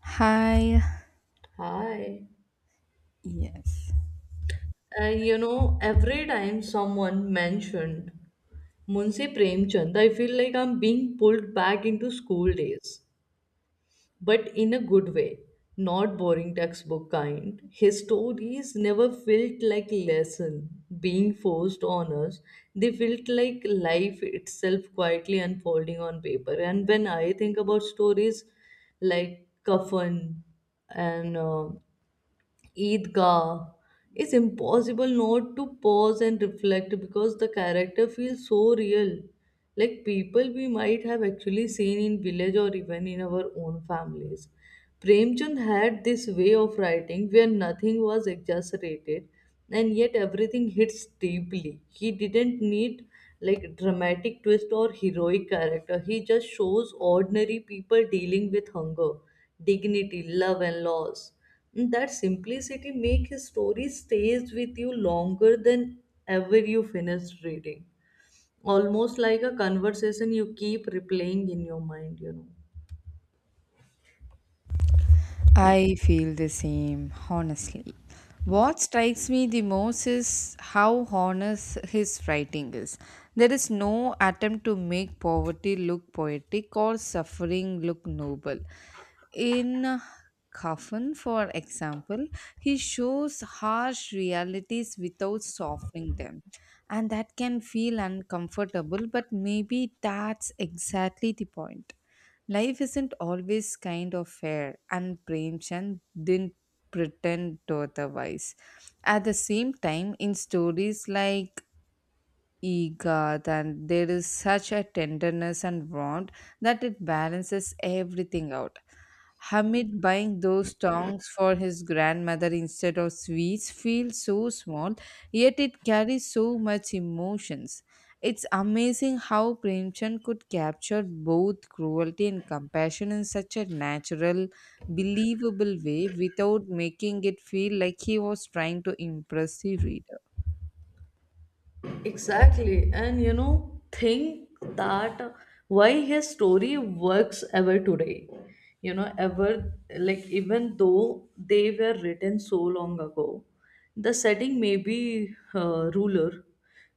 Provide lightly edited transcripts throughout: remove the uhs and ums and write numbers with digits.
Hi. Hi. Yes. Every time someone mentioned Munshi Premchand, I feel like I'm being pulled back into school days, but in a good way, not boring textbook kind. His stories never felt like lesson being forced on us. They felt like life itself quietly unfolding on paper. And when I think about stories like Kafan, and Eidgah. It's impossible not to pause and reflect because the character feels so real. Like people we might have actually seen in village or even in our own families. Premchand had this way of writing where nothing was exaggerated and yet everything hits deeply. He didn't need like dramatic twist or heroic character. He just shows ordinary people dealing with hunger, dignity, love and loss, and that simplicity make his story stays with you longer than ever you finish reading, almost like a conversation you keep replaying in your mind. I feel the same, honestly. What strikes me the most is how honest his writing is. There is no attempt to make poverty look poetic or suffering look noble. In Coffin, for example, he shows harsh realities without softening them. And that can feel uncomfortable, but maybe that's exactly the point. Life isn't always kind of fair, and Premchand didn't pretend otherwise. At the same time, in stories like Egat, and there is such a tenderness and warmth that it balances everything out. Hamid buying those tongs for his grandmother instead of sweets feels so small, yet it carries so much emotions. It's amazing how Premchand could capture both cruelty and compassion in such a natural, believable way without making it feel like he was trying to impress the reader. Exactly. And you know, think that why his story works ever today. You know, ever, like, even though they were written so long ago, the setting may be ruler.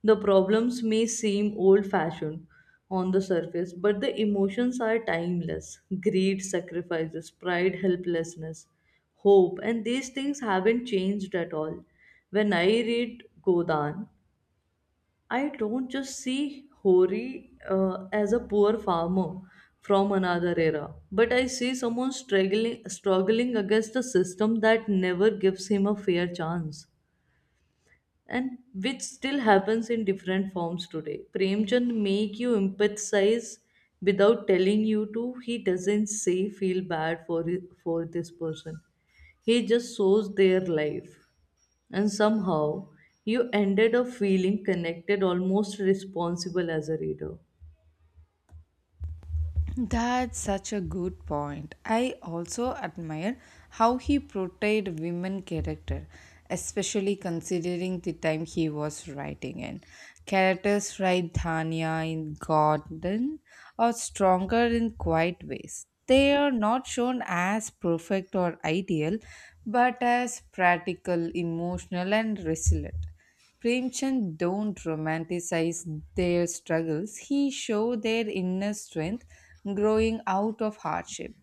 The problems may seem old fashioned on the surface, but the emotions are timeless greed, sacrifices, pride, helplessness, hope, and these things haven't changed at all. When I read Godan, I don't just see Hori as a poor farmer from another era, but I see someone struggling, struggling against a system that never gives him a fair chance, and which still happens in different forms today. Premchand make you empathize without telling you to. He doesn't say feel bad for this person. He just shows their life and somehow you ended up feeling connected, almost responsible as a reader. That's such a good point. I also admire how he portrayed women character, especially considering the time he was writing in. Characters like Dhania in Garden are stronger in quiet ways. They are not shown as perfect or ideal, but as practical, emotional, and resilient. Premchand don't romanticize their struggles. He show their inner strength growing out of hardship.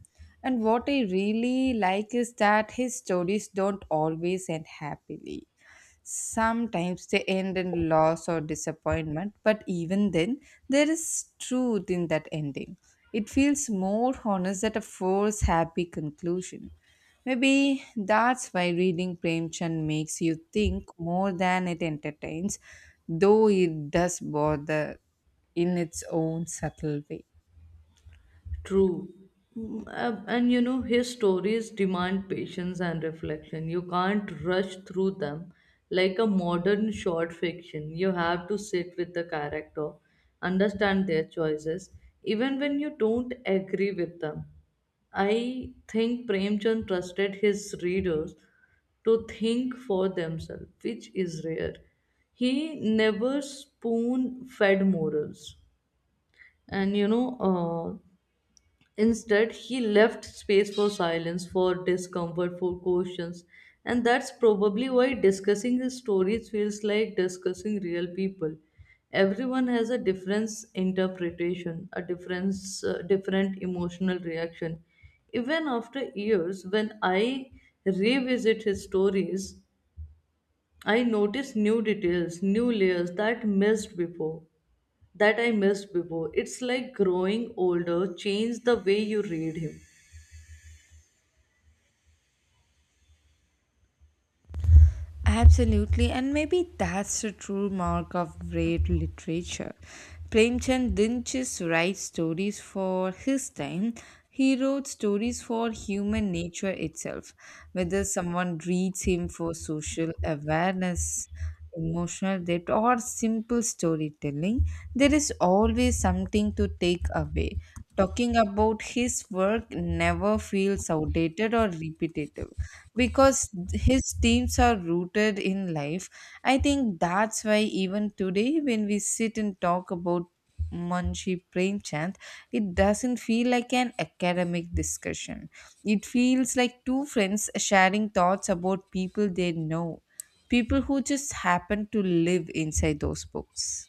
And what I really like is that his stories don't always end happily. Sometimes they end in loss or disappointment, but even then, there is truth in that ending. It feels more honest than a forced happy conclusion. Maybe that's why reading Premchand makes you think more than it entertains, though it does bother in its own subtle way. True. And you know, his stories demand patience and reflection. You can't rush through them like a modern short fiction. You have to sit with the character, understand their choices, even when you don't agree with them. I think Premchand trusted his readers to think for themselves, which is rare. He never spoon fed morals. And you know, uh, Instead, he left space for silence, for discomfort, for questions. And that's probably why discussing his stories feels like discussing real people. Everyone has a different interpretation, a different emotional reaction. Even after years, when I revisit his stories, I notice new details, new layers that missed before, that I missed before. It's like growing older, change the way you read him. Absolutely, and maybe that's the true mark of great literature. Premchand didn't just write stories for his time, he wrote stories for human nature itself. Whether someone reads him for social awareness, emotional depth, or simple storytelling, there is always something to take away. Talking about his work never feels outdated or repetitive because his teams are rooted in life. I think that's why even today when we sit and talk about Munshi Premchand, it doesn't feel like an academic discussion. It feels like two friends sharing thoughts about people they know, people who just happen to live inside those books.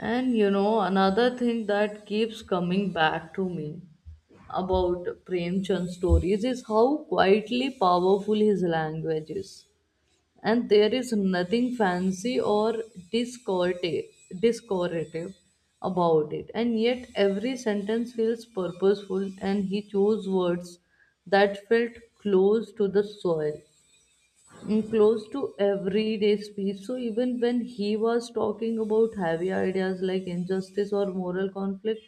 And you know, another thing that keeps coming back to me about Prem Chand's stories is how quietly powerful his language is. And there is nothing fancy or discorda- discordative about it. And yet, every sentence feels purposeful, and he chose words that felt close to the soil, close to everyday speech. So even when he was talking about heavy ideas like injustice or moral conflict,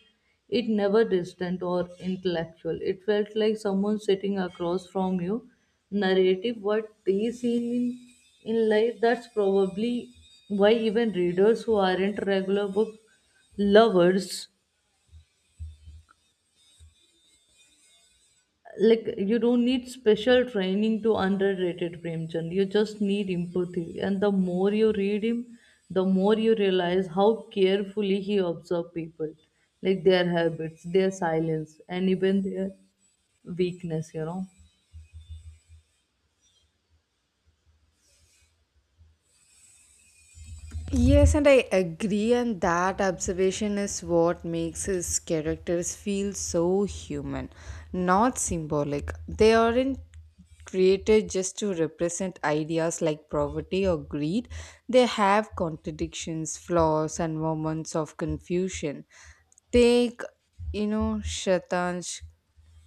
it never distant or intellectual. It felt like someone sitting across from you, narrative what they seen in life. That's probably why even readers who aren't regular book lovers like you don't need special training to underrated Premchand. You just need empathy, and the more you read him, the more you realize how carefully he observed people, like their habits, their silence, and even their weakness. You know. Yes, and I agree, and that observation is what makes his characters feel so human, not symbolic. They aren't created just to represent ideas like poverty or greed, they have contradictions, flaws, and moments of confusion. Take, you know, Shatanj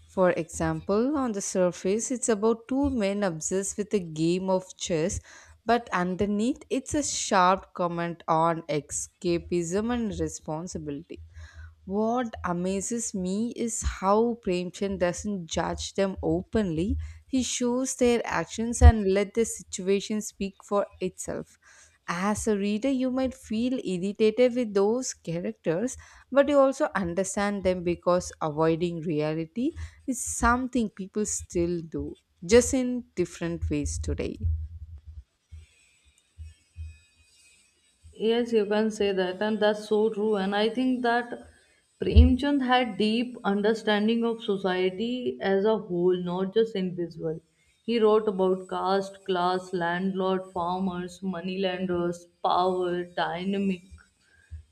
for example, on the surface, it's about two men obsessed with a game of chess, but underneath, it's a sharp comment on escapism and responsibility. What amazes me is how Premchand doesn't judge them openly. He shows their actions and let the situation speak for itself. As a reader, you might feel irritated with those characters, but you also understand them because avoiding reality is something people still do, just in different ways today. Yes, you can say that, and that's so true. And I think that Premchand had deep understanding of society as a whole, not just individual. He wrote about caste, class, landlord, farmers, moneylenders, power, dynamic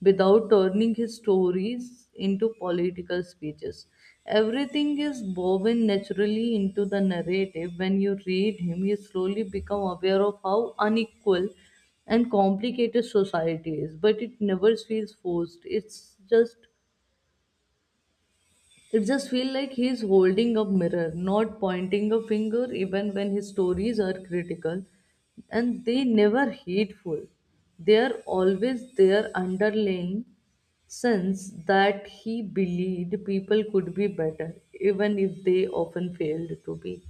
without turning his stories into political speeches. Everything is woven naturally into the narrative. When you read him, you slowly become aware of how unequal and complicated society is, but it never feels forced. It just feels like he's holding a mirror, not pointing a finger, even when his stories are critical. And they never hateful. They are always their underlying sense that he believed people could be better, even if they often failed to be.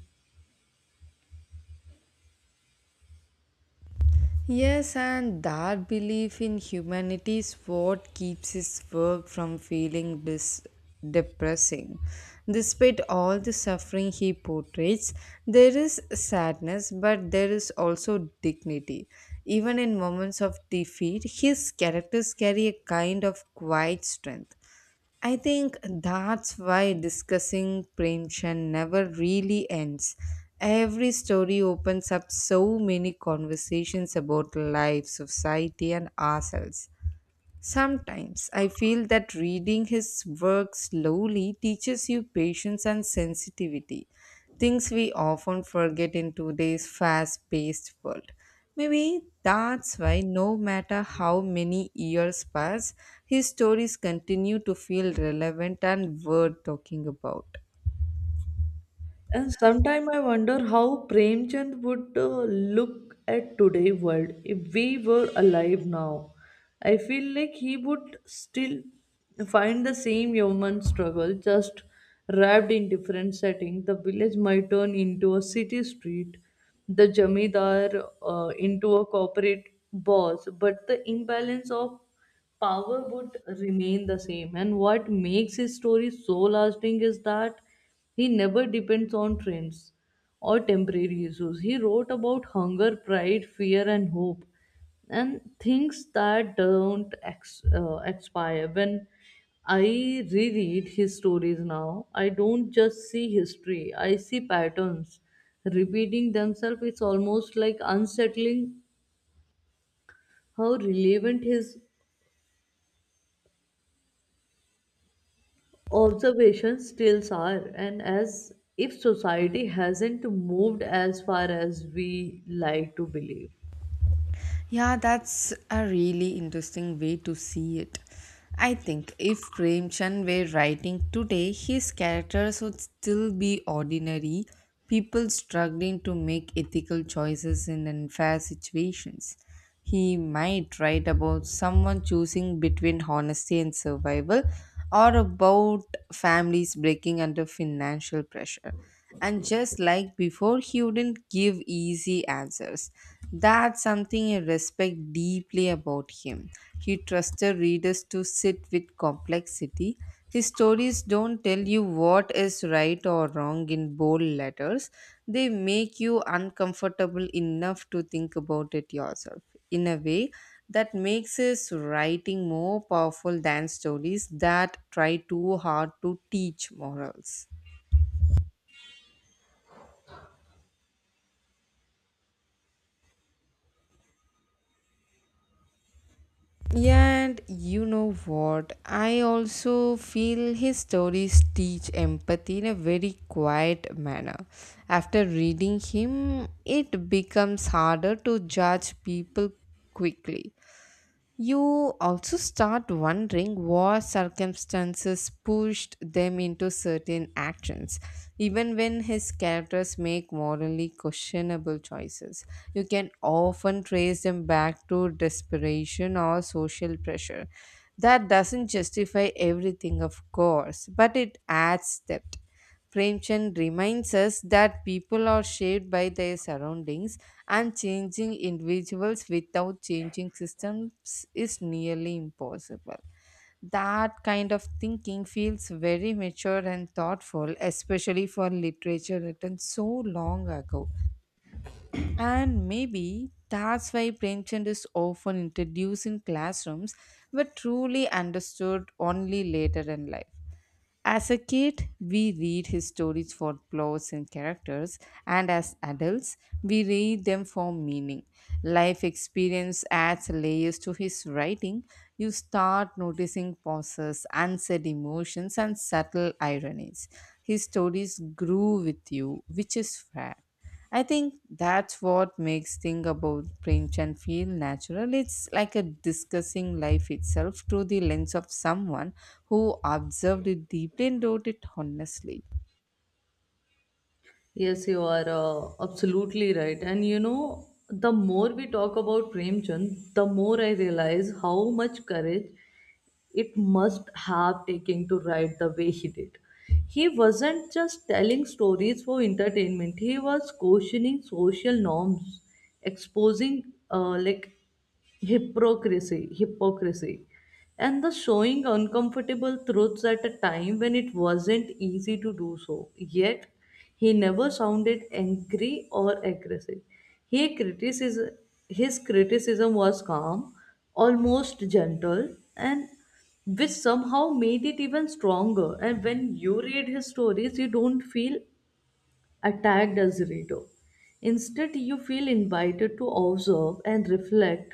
Yes, and that belief in humanity is what keeps his work from feeling depressing. Despite all the suffering he portrays, there is sadness, but there is also dignity. Even in moments of defeat, his characters carry a kind of quiet strength. I think that's why discussing Premchand never really ends. Every story opens up so many conversations about life, society, and ourselves. Sometimes I feel that reading his work slowly teaches you patience and sensitivity, things we often forget in today's fast paced world. Maybe that's why, no matter how many years pass, his stories continue to feel relevant and worth talking about. And sometimes I wonder how Premchand would look at today world if we were alive now. I feel like he would still find the same human struggle, just wrapped in different setting. The village might turn into a city street, the jamidar into a corporate boss, but the imbalance of power would remain the same. And what makes his story so lasting is that he never depends on trends or temporary issues. He wrote about hunger, pride, fear, and hope, and things that don't expire. When I reread his stories now, I don't just see history, I see patterns repeating themselves. It's almost like unsettling how relevant his observations still are, and as if society hasn't moved as far as we like to believe. Yeah, that's a really interesting way to see it. I think if Premchand were writing today, his characters would still be ordinary people struggling to make ethical choices in unfair situations. He might write about someone choosing between honesty and survival or about families breaking under financial pressure. And just like before, he wouldn't give easy answers. That's something I respect deeply about him. He trusted readers to sit with complexity. His stories don't tell you what is right or wrong in bold letters, they make you uncomfortable enough to think about it yourself. In a way, that makes his writing more powerful than stories that try too hard to teach morals. Yeah, and you know what? I also feel his stories teach empathy in a very quiet manner. After reading him, it becomes harder to judge people quickly. You also start wondering what circumstances pushed them into certain actions, even when his characters make morally questionable choices. You can often trace them back to desperation or social pressure. That doesn't justify everything, of course, but it adds depth. Premchand reminds us that people are shaped by their surroundings and changing individuals without changing systems is nearly impossible. That kind of thinking feels very mature and thoughtful, especially for literature written so long ago. And maybe that's why Premchand is often introduced in classrooms but truly understood only later in life. As a kid, we read his stories for plots and characters, and as adults, we read them for meaning. Life experience adds layers to his writing. You start noticing pauses, unsaid emotions, and subtle ironies. His stories grew with you, which is rare. I think that's what makes thing about Premchand feel natural. It's like a discussing life itself through the lens of someone who observed it deeply and wrote it honestly. Yes, you are absolutely right. And you know, the more we talk about Premchand, the more I realize how much courage it must have taken to write the way he did. He wasn't just telling stories for entertainment, he was questioning social norms, exposing like hypocrisy, and the showing uncomfortable truths at a time when it wasn't easy to do so. Yet, he never sounded angry or aggressive. He criticism, his criticism was calm, almost gentle, and which somehow made it even stronger. And when you read his stories, you don't feel attacked as a reader. Instead, you feel invited to observe and reflect.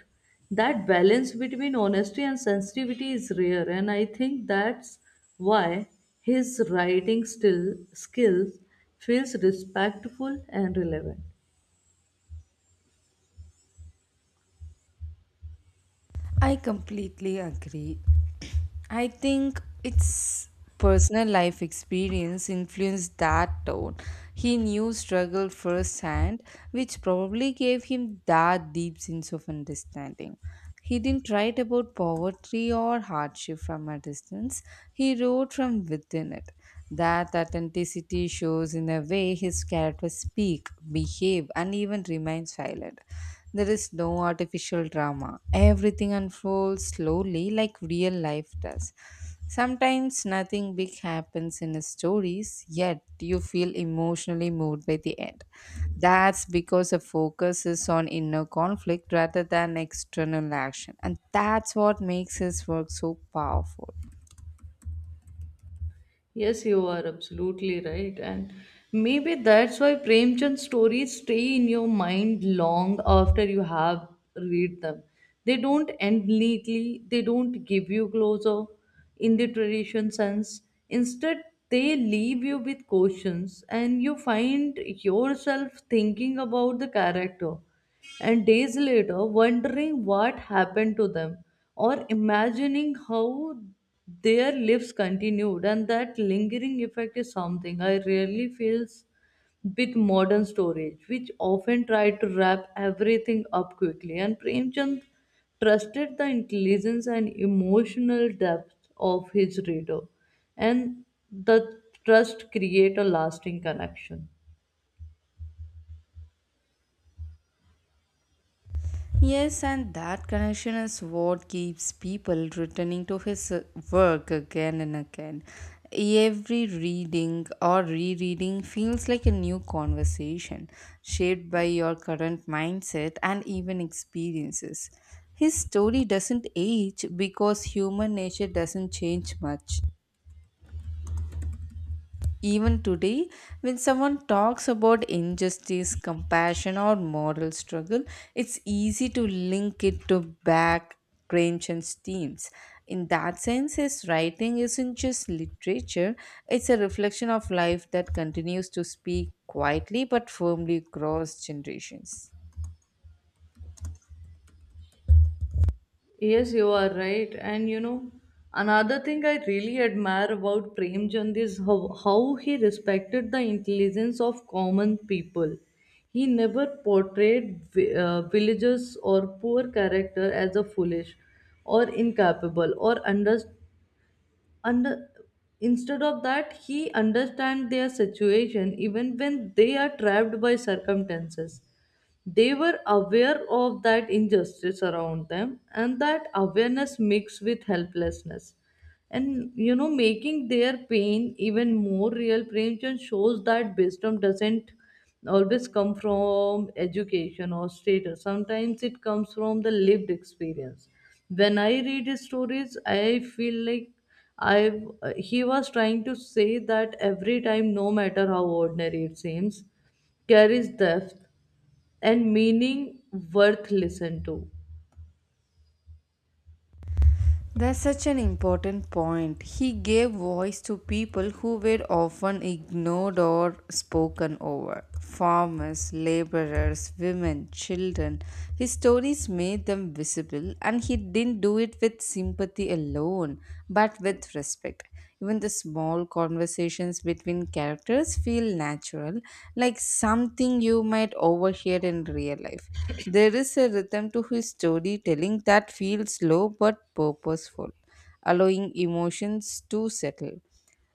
That balance between honesty and sensitivity is rare, and I think that's why his writing still skills feels respectful and relevant. I completely agree. I think it's personal life experience influenced that tone. He knew struggle firsthand, which probably gave him that deep sense of understanding. He didn't write about poverty or hardship from a distance, he wrote from within it. That authenticity shows in the way his characters speak, behave, and even remain silent. There is no artificial drama. Everything unfolds slowly like real life does. Sometimes nothing big happens in his stories, yet you feel emotionally moved by the end. That's because the focus is on inner conflict rather than external action. And that's what makes his work so powerful. Yes, you are absolutely right. And maybe that's why Premchand stories stay in your mind long after you have read them. They don't end neatly, they don't give you closure in the tradition sense. Instead, they leave you with questions, and you find yourself thinking about the character and days later wondering what happened to them or imagining how their lives continued. And that lingering effect is something I really feels with modern storage which often try to wrap everything up quickly. And Premchand trusted the intelligence and emotional depth of his reader, and the trust create a lasting connection. Yes, and that connection is what keeps people returning to his work again and again. Every reading or rereading feels like a new conversation, shaped by your current mindset and even experiences. His story doesn't age because human nature doesn't change much. Even today, when someone talks about injustice, compassion, or moral struggle, it's easy to link it to back Gramsci's themes. In that sense, his writing isn't just literature, it's a reflection of life that continues to speak quietly but firmly across generations. Yes, you are right. And you know, another thing I really admire about Premchand is how he respected the intelligence of common people. He never portrayed villagers or poor character as a foolish or incapable or under. Instead of that, he understand their situation. Even when they are trapped by circumstances, they were aware of that injustice around them, and that awareness mixed with helplessness and, you know, making their pain even more real. Premchand shows that wisdom doesn't always come from education or status. Sometimes it comes from the lived experience. When I read his stories, I feel like I he was trying to say that every time, no matter how ordinary it seems, carries depth and meaning worth listen to. That's such an important point. He gave voice to people who were often ignored or spoken over farmers, laborers, women, children. His stories made them visible, and he didn't do it with sympathy alone, but with respect. Even the small conversations between characters feel natural, like something you might overhear in real life. There is a rhythm to his storytelling that feels slow but purposeful, allowing emotions to settle.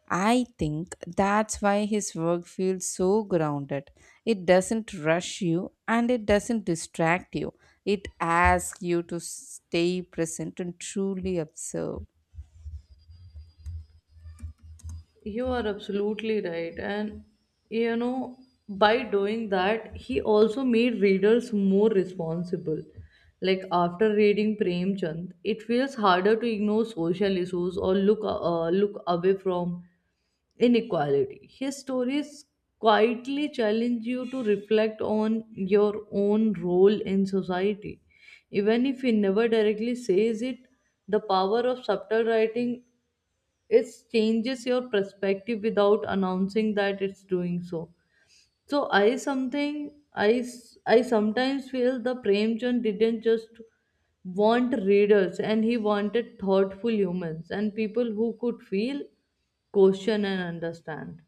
I think that's why his work feels so grounded. It doesn't rush you and it doesn't distract you. It asks you to stay present and truly observe. You are absolutely right. And you know, by doing that, he also made readers more responsible. Like after reading Prem Chand, it feels harder to ignore social issues or look away from inequality. His stories quietly challenge you to reflect on your own role in society. Even if he never directly says it, the power of subtle writing, it changes your perspective without announcing that it's doing so. So I something I sometimes feel the Premchand didn't just want readers, and he wanted thoughtful humans and people who could feel, question and understand.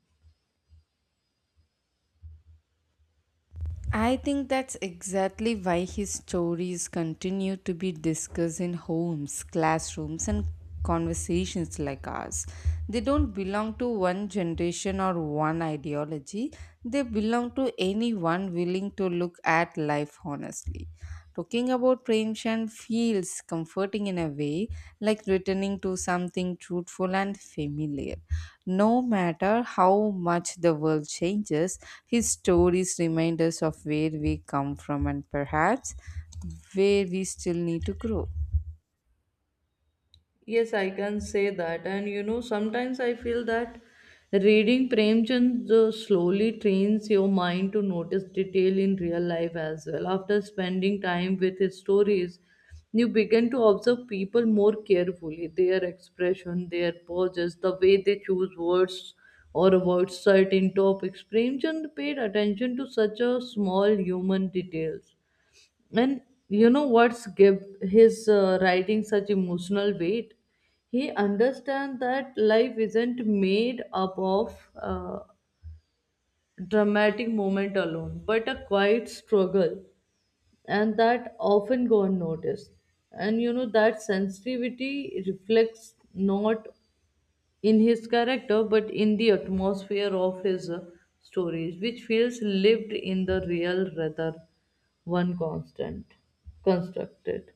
I think that's exactly why his stories continue to be discussed in homes, classrooms, and conversations like ours. They don't belong to one generation or one ideology, they belong to anyone willing to look at life honestly. Talking about preemption feels comforting in a way, like returning to something truthful and familiar. No matter how much the world changes, his stories remind us of where we come from and perhaps where we still need to grow. Yes, I can say that. And you know, sometimes I feel that reading Premchand slowly trains your mind to notice detail in real life as well. After spending time with his stories, you begin to observe people more carefully, their expression, their poses, the way they choose words or avoid certain topics. Premchand paid attention to such a small human details, and you know what's give his writing such emotional weight? He understands that life isn't made up of dramatic moment alone, but a quiet struggle, and that often go unnoticed. And you know that sensitivity reflects not in his character, but in the atmosphere of his stories, which feels lived in the real rather one constant constructed.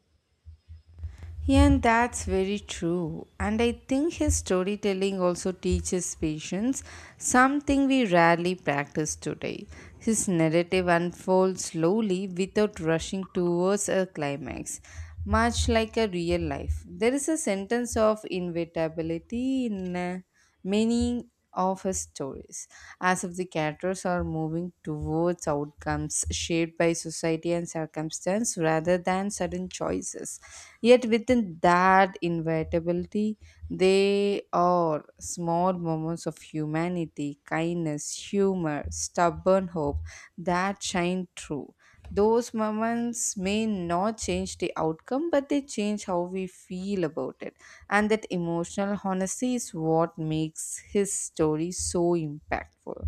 Yeah, and that's very true. And I think his storytelling also teaches patience, something we rarely practice today. His narrative unfolds slowly without rushing towards a climax, much like a real life. There is a sentence of inevitability in many of his stories, as if the characters are moving towards outcomes shaped by society and circumstance rather than sudden choices. Yet, within that inevitability, they are small moments of humanity, kindness, humor, stubborn hope that shine through. Those moments may not change the outcome, but they change how we feel about it, and that emotional honesty is what makes his story so impactful.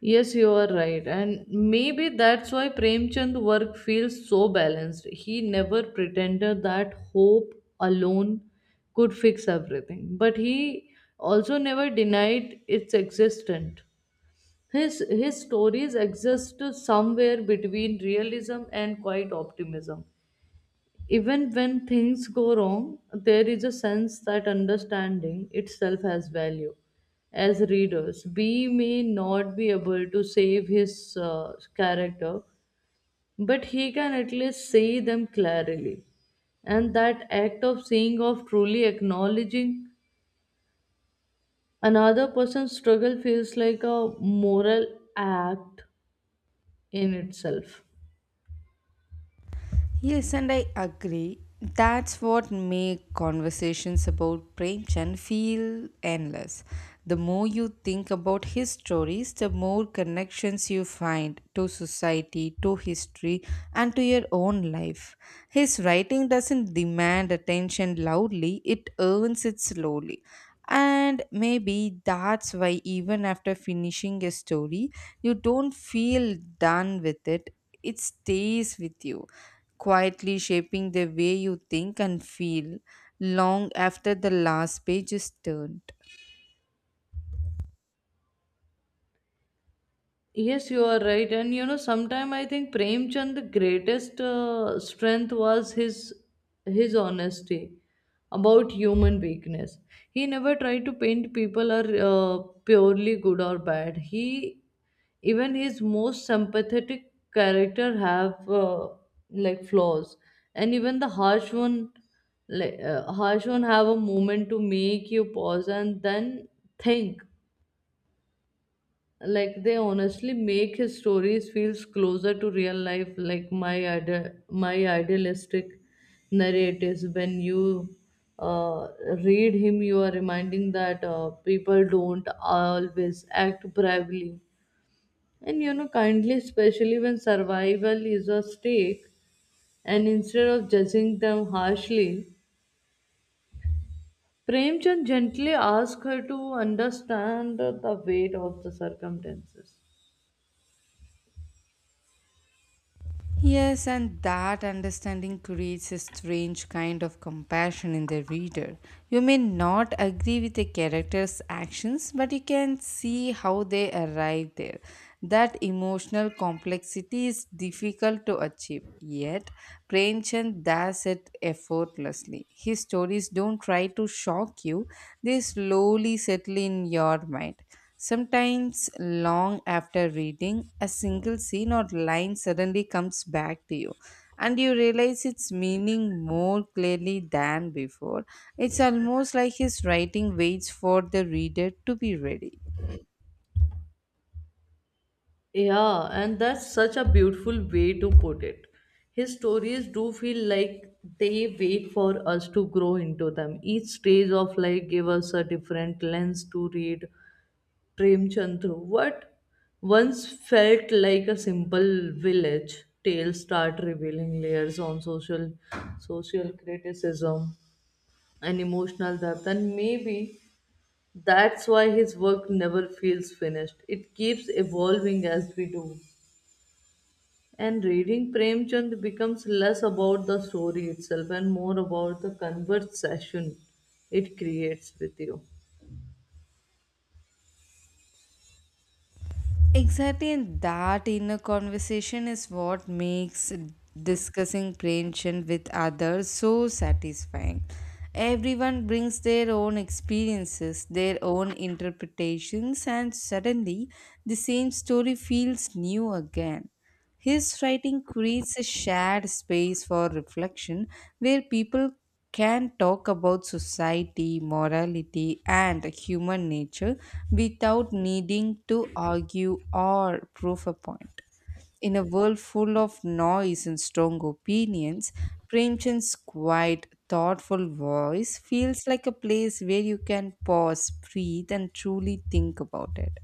Yes, you are right. And maybe that's why Premchand work feels so balanced. He never pretended that hope alone could fix everything. But he also never denied its existence. His stories exist somewhere between realism and quiet optimism. Even when things go wrong, there is a sense that understanding itself has value. As readers, we may not be able to save his character, but he can at least see them clearly. And that act of seeing, of truly acknowledging another person's struggle, feels like a moral act in itself. Yes, and I agree. That's what make conversations about Premchand feel endless. The more you think about his stories, the more connections you find to society, to history, and to your own life. His writing doesn't demand attention loudly, it earns it slowly. And maybe that's why, even after finishing a story, you don't feel done with it, it stays with you quietly shaping the way you think and feel long after the last page is turned. Yes, you are right. And you know, sometime I think Premchand the greatest strength was his honesty about human weakness. He never tried to paint people are purely good or bad. He even his most sympathetic character have like flaws, and even the harsh one, like harsh one, have a moment to make you pause and then think. Like, they honestly make his stories feels closer to real life, like my idealistic narratives. When you uh, read him, you are reminding that people don't always act bravely and, you know, kindly, especially when survival is at stake. And instead of judging them harshly, Premchand gently asks her to understand the weight of the circumstances. Yes, and that understanding creates a strange kind of compassion in the reader. You may not agree with a character's actions, but you can see how they arrived there. That emotional complexity is difficult to achieve, yet, Premchand does it effortlessly. His stories don't try to shock you, they slowly settle in your mind. Sometimes, long after reading, a single scene or line suddenly comes back to you, and you realize its meaning more clearly than before. It's almost like his writing waits for the reader to be ready. Yeah, and that's such a beautiful way to put it. His stories do feel like they wait for us to grow into them. Each stage of life gave us a different lens to read Premchandra. What once felt like a simple village tale start revealing layers on social criticism and emotional depth, and maybe that's why his work never feels finished. It keeps evolving as we do. And reading Premchand becomes less about the story itself and more about the conversation it creates with you. Exactly, and that inner conversation is what makes discussing prevention with others so satisfying. Everyone brings their own experiences, their own interpretations, and suddenly the same story feels new again. His writing creates a shared space for reflection where people can talk about society, morality, and human nature without needing to argue or prove a point. In a world full of noise and strong opinions, Premchand's quiet, thoughtful voice feels like a place where you can pause, breathe, and truly think about it.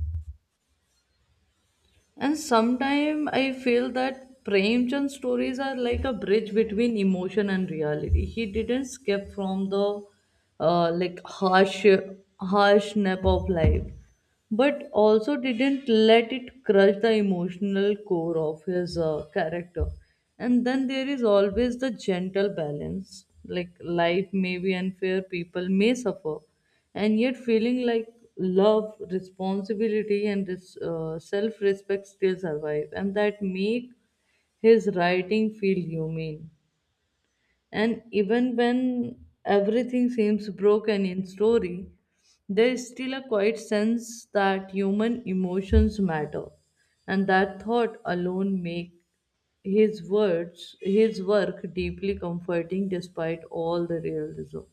And sometimes I feel that Premchand stories are like a bridge between emotion and reality. He didn't skip from the like harsh nap of life, but also didn't let it crush the emotional core of his character. And then there is always the gentle balance. Like, life may be unfair, people may suffer, and yet feeling like love, responsibility and this self-respect still survive, and that make his writing feel humane. And even when everything seems broken in story, there is still a quiet sense that human emotions matter, and that thought alone make his words, his work, deeply comforting despite all the realism.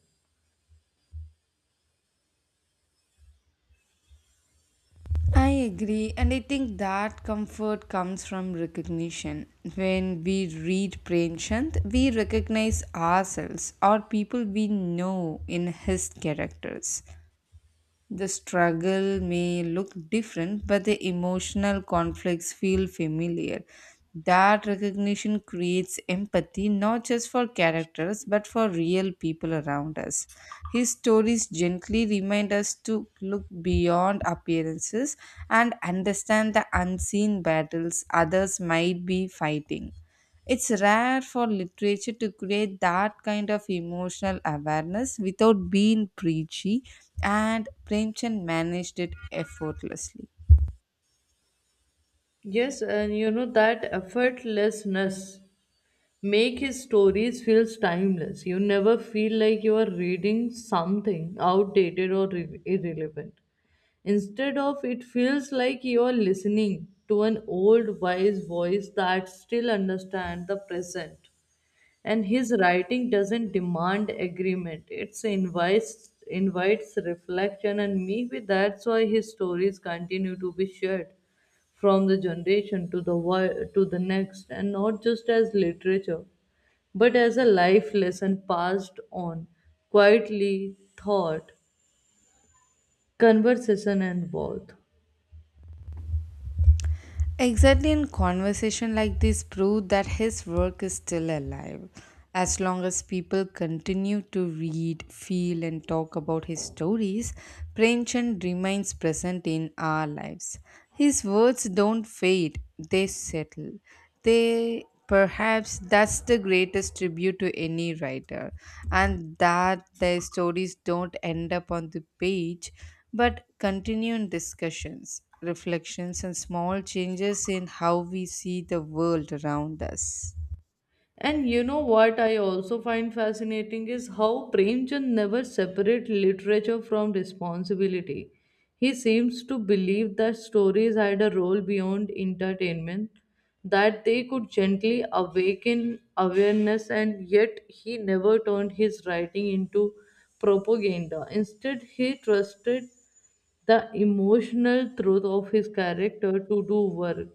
I agree, and I think that comfort comes from recognition. When we read Premchand, we recognize ourselves or people we know in his characters. The struggle may look different, but the emotional conflicts feel familiar. That recognition creates empathy not just for characters but for real people around us. His stories gently remind us to look beyond appearances and understand the unseen battles others might be fighting. It's rare for literature to create that kind of emotional awareness without being preachy, and Premchand managed it effortlessly. Yes, and you know that effortlessness make his stories feels timeless. You never feel like you are reading something outdated or irrelevant. Instead of it, feels like you are listening to an old wise voice that still understands the present, and his writing doesn't demand agreement, it's invites reflection. And maybe that's why his stories continue to be shared from the generation to to the next, and not just as literature, but as a life lesson passed on quietly thought conversation and worth. Exactly in conversation like this prove that his work is still alive. As long as people continue to read, feel and talk about his stories, Premchand remains present in our lives. His words don't fade, they settle. They perhaps that's the greatest tribute to any writer and that their stories don't end up on the page but continue in discussions reflections and small changes in how we see the world around us. And you know what I also find fascinating is how Premchand never separate literature from responsibility. He seems to believe that stories had a role beyond entertainment, that they could gently awaken awareness, and yet he never turned his writing into propaganda. Instead, he trusted the emotional truth of his character to do work.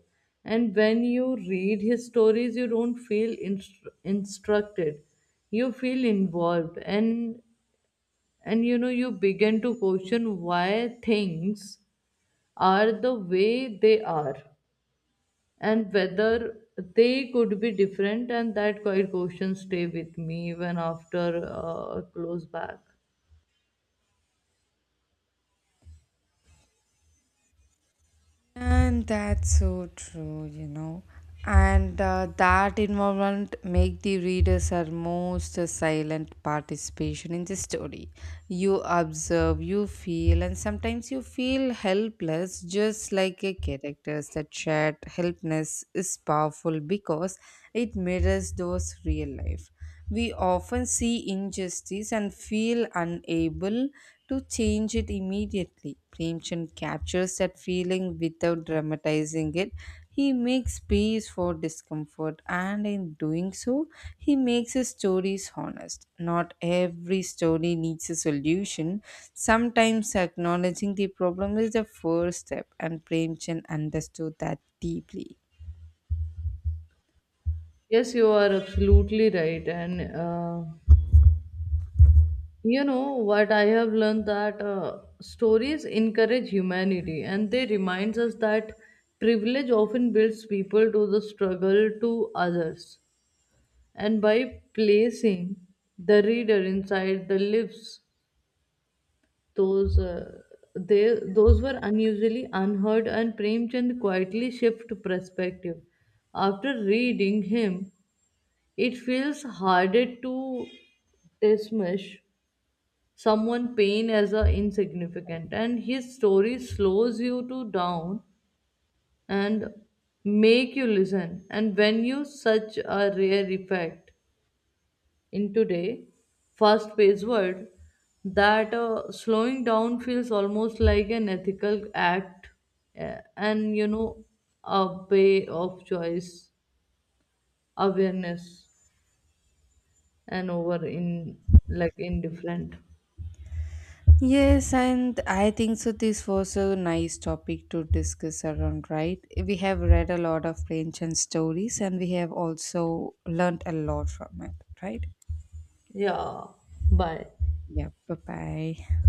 And when you read his stories, you don't feel instructed. You feel involved, and you know, you begin to question why things are the way they are, and whether they could be different. And that quiet question stay with me even after a close back. And that's so true, you know. And that involvement make the readers are most a silent participation in the story. You observe, you feel, and sometimes you feel helpless, just like a characters that shared helplessness is powerful because it mirrors those real life. We often see injustice and feel unable to change it immediately. Premchand captures that feeling without dramatizing it. He makes space for discomfort, and in doing so, he makes his stories honest. Not every story needs a solution. Sometimes acknowledging the problem is the first step, and Premchand understood that deeply. Yes, you are absolutely right. and. You know what, I have learned that stories encourage humanity and they remind us that privilege often builds people to the struggle to others. And by placing the reader inside the lives, those uh, those were unusually unheard, and Premchand quietly shift perspective. After reading him, it feels harder to dismiss someone pain as a insignificant, and his story slows you to down and make you listen. And when you such a rare effect in today fast paced world, that slowing down feels almost like an ethical act. And, you know, a way of choice, awareness, and over in like indifferent. Yes, and I think so. This was a nice topic to discuss around, right? We have read a lot of ancient stories and we have also learnt a lot from it, right? Yeah, bye. Yeah, bye bye.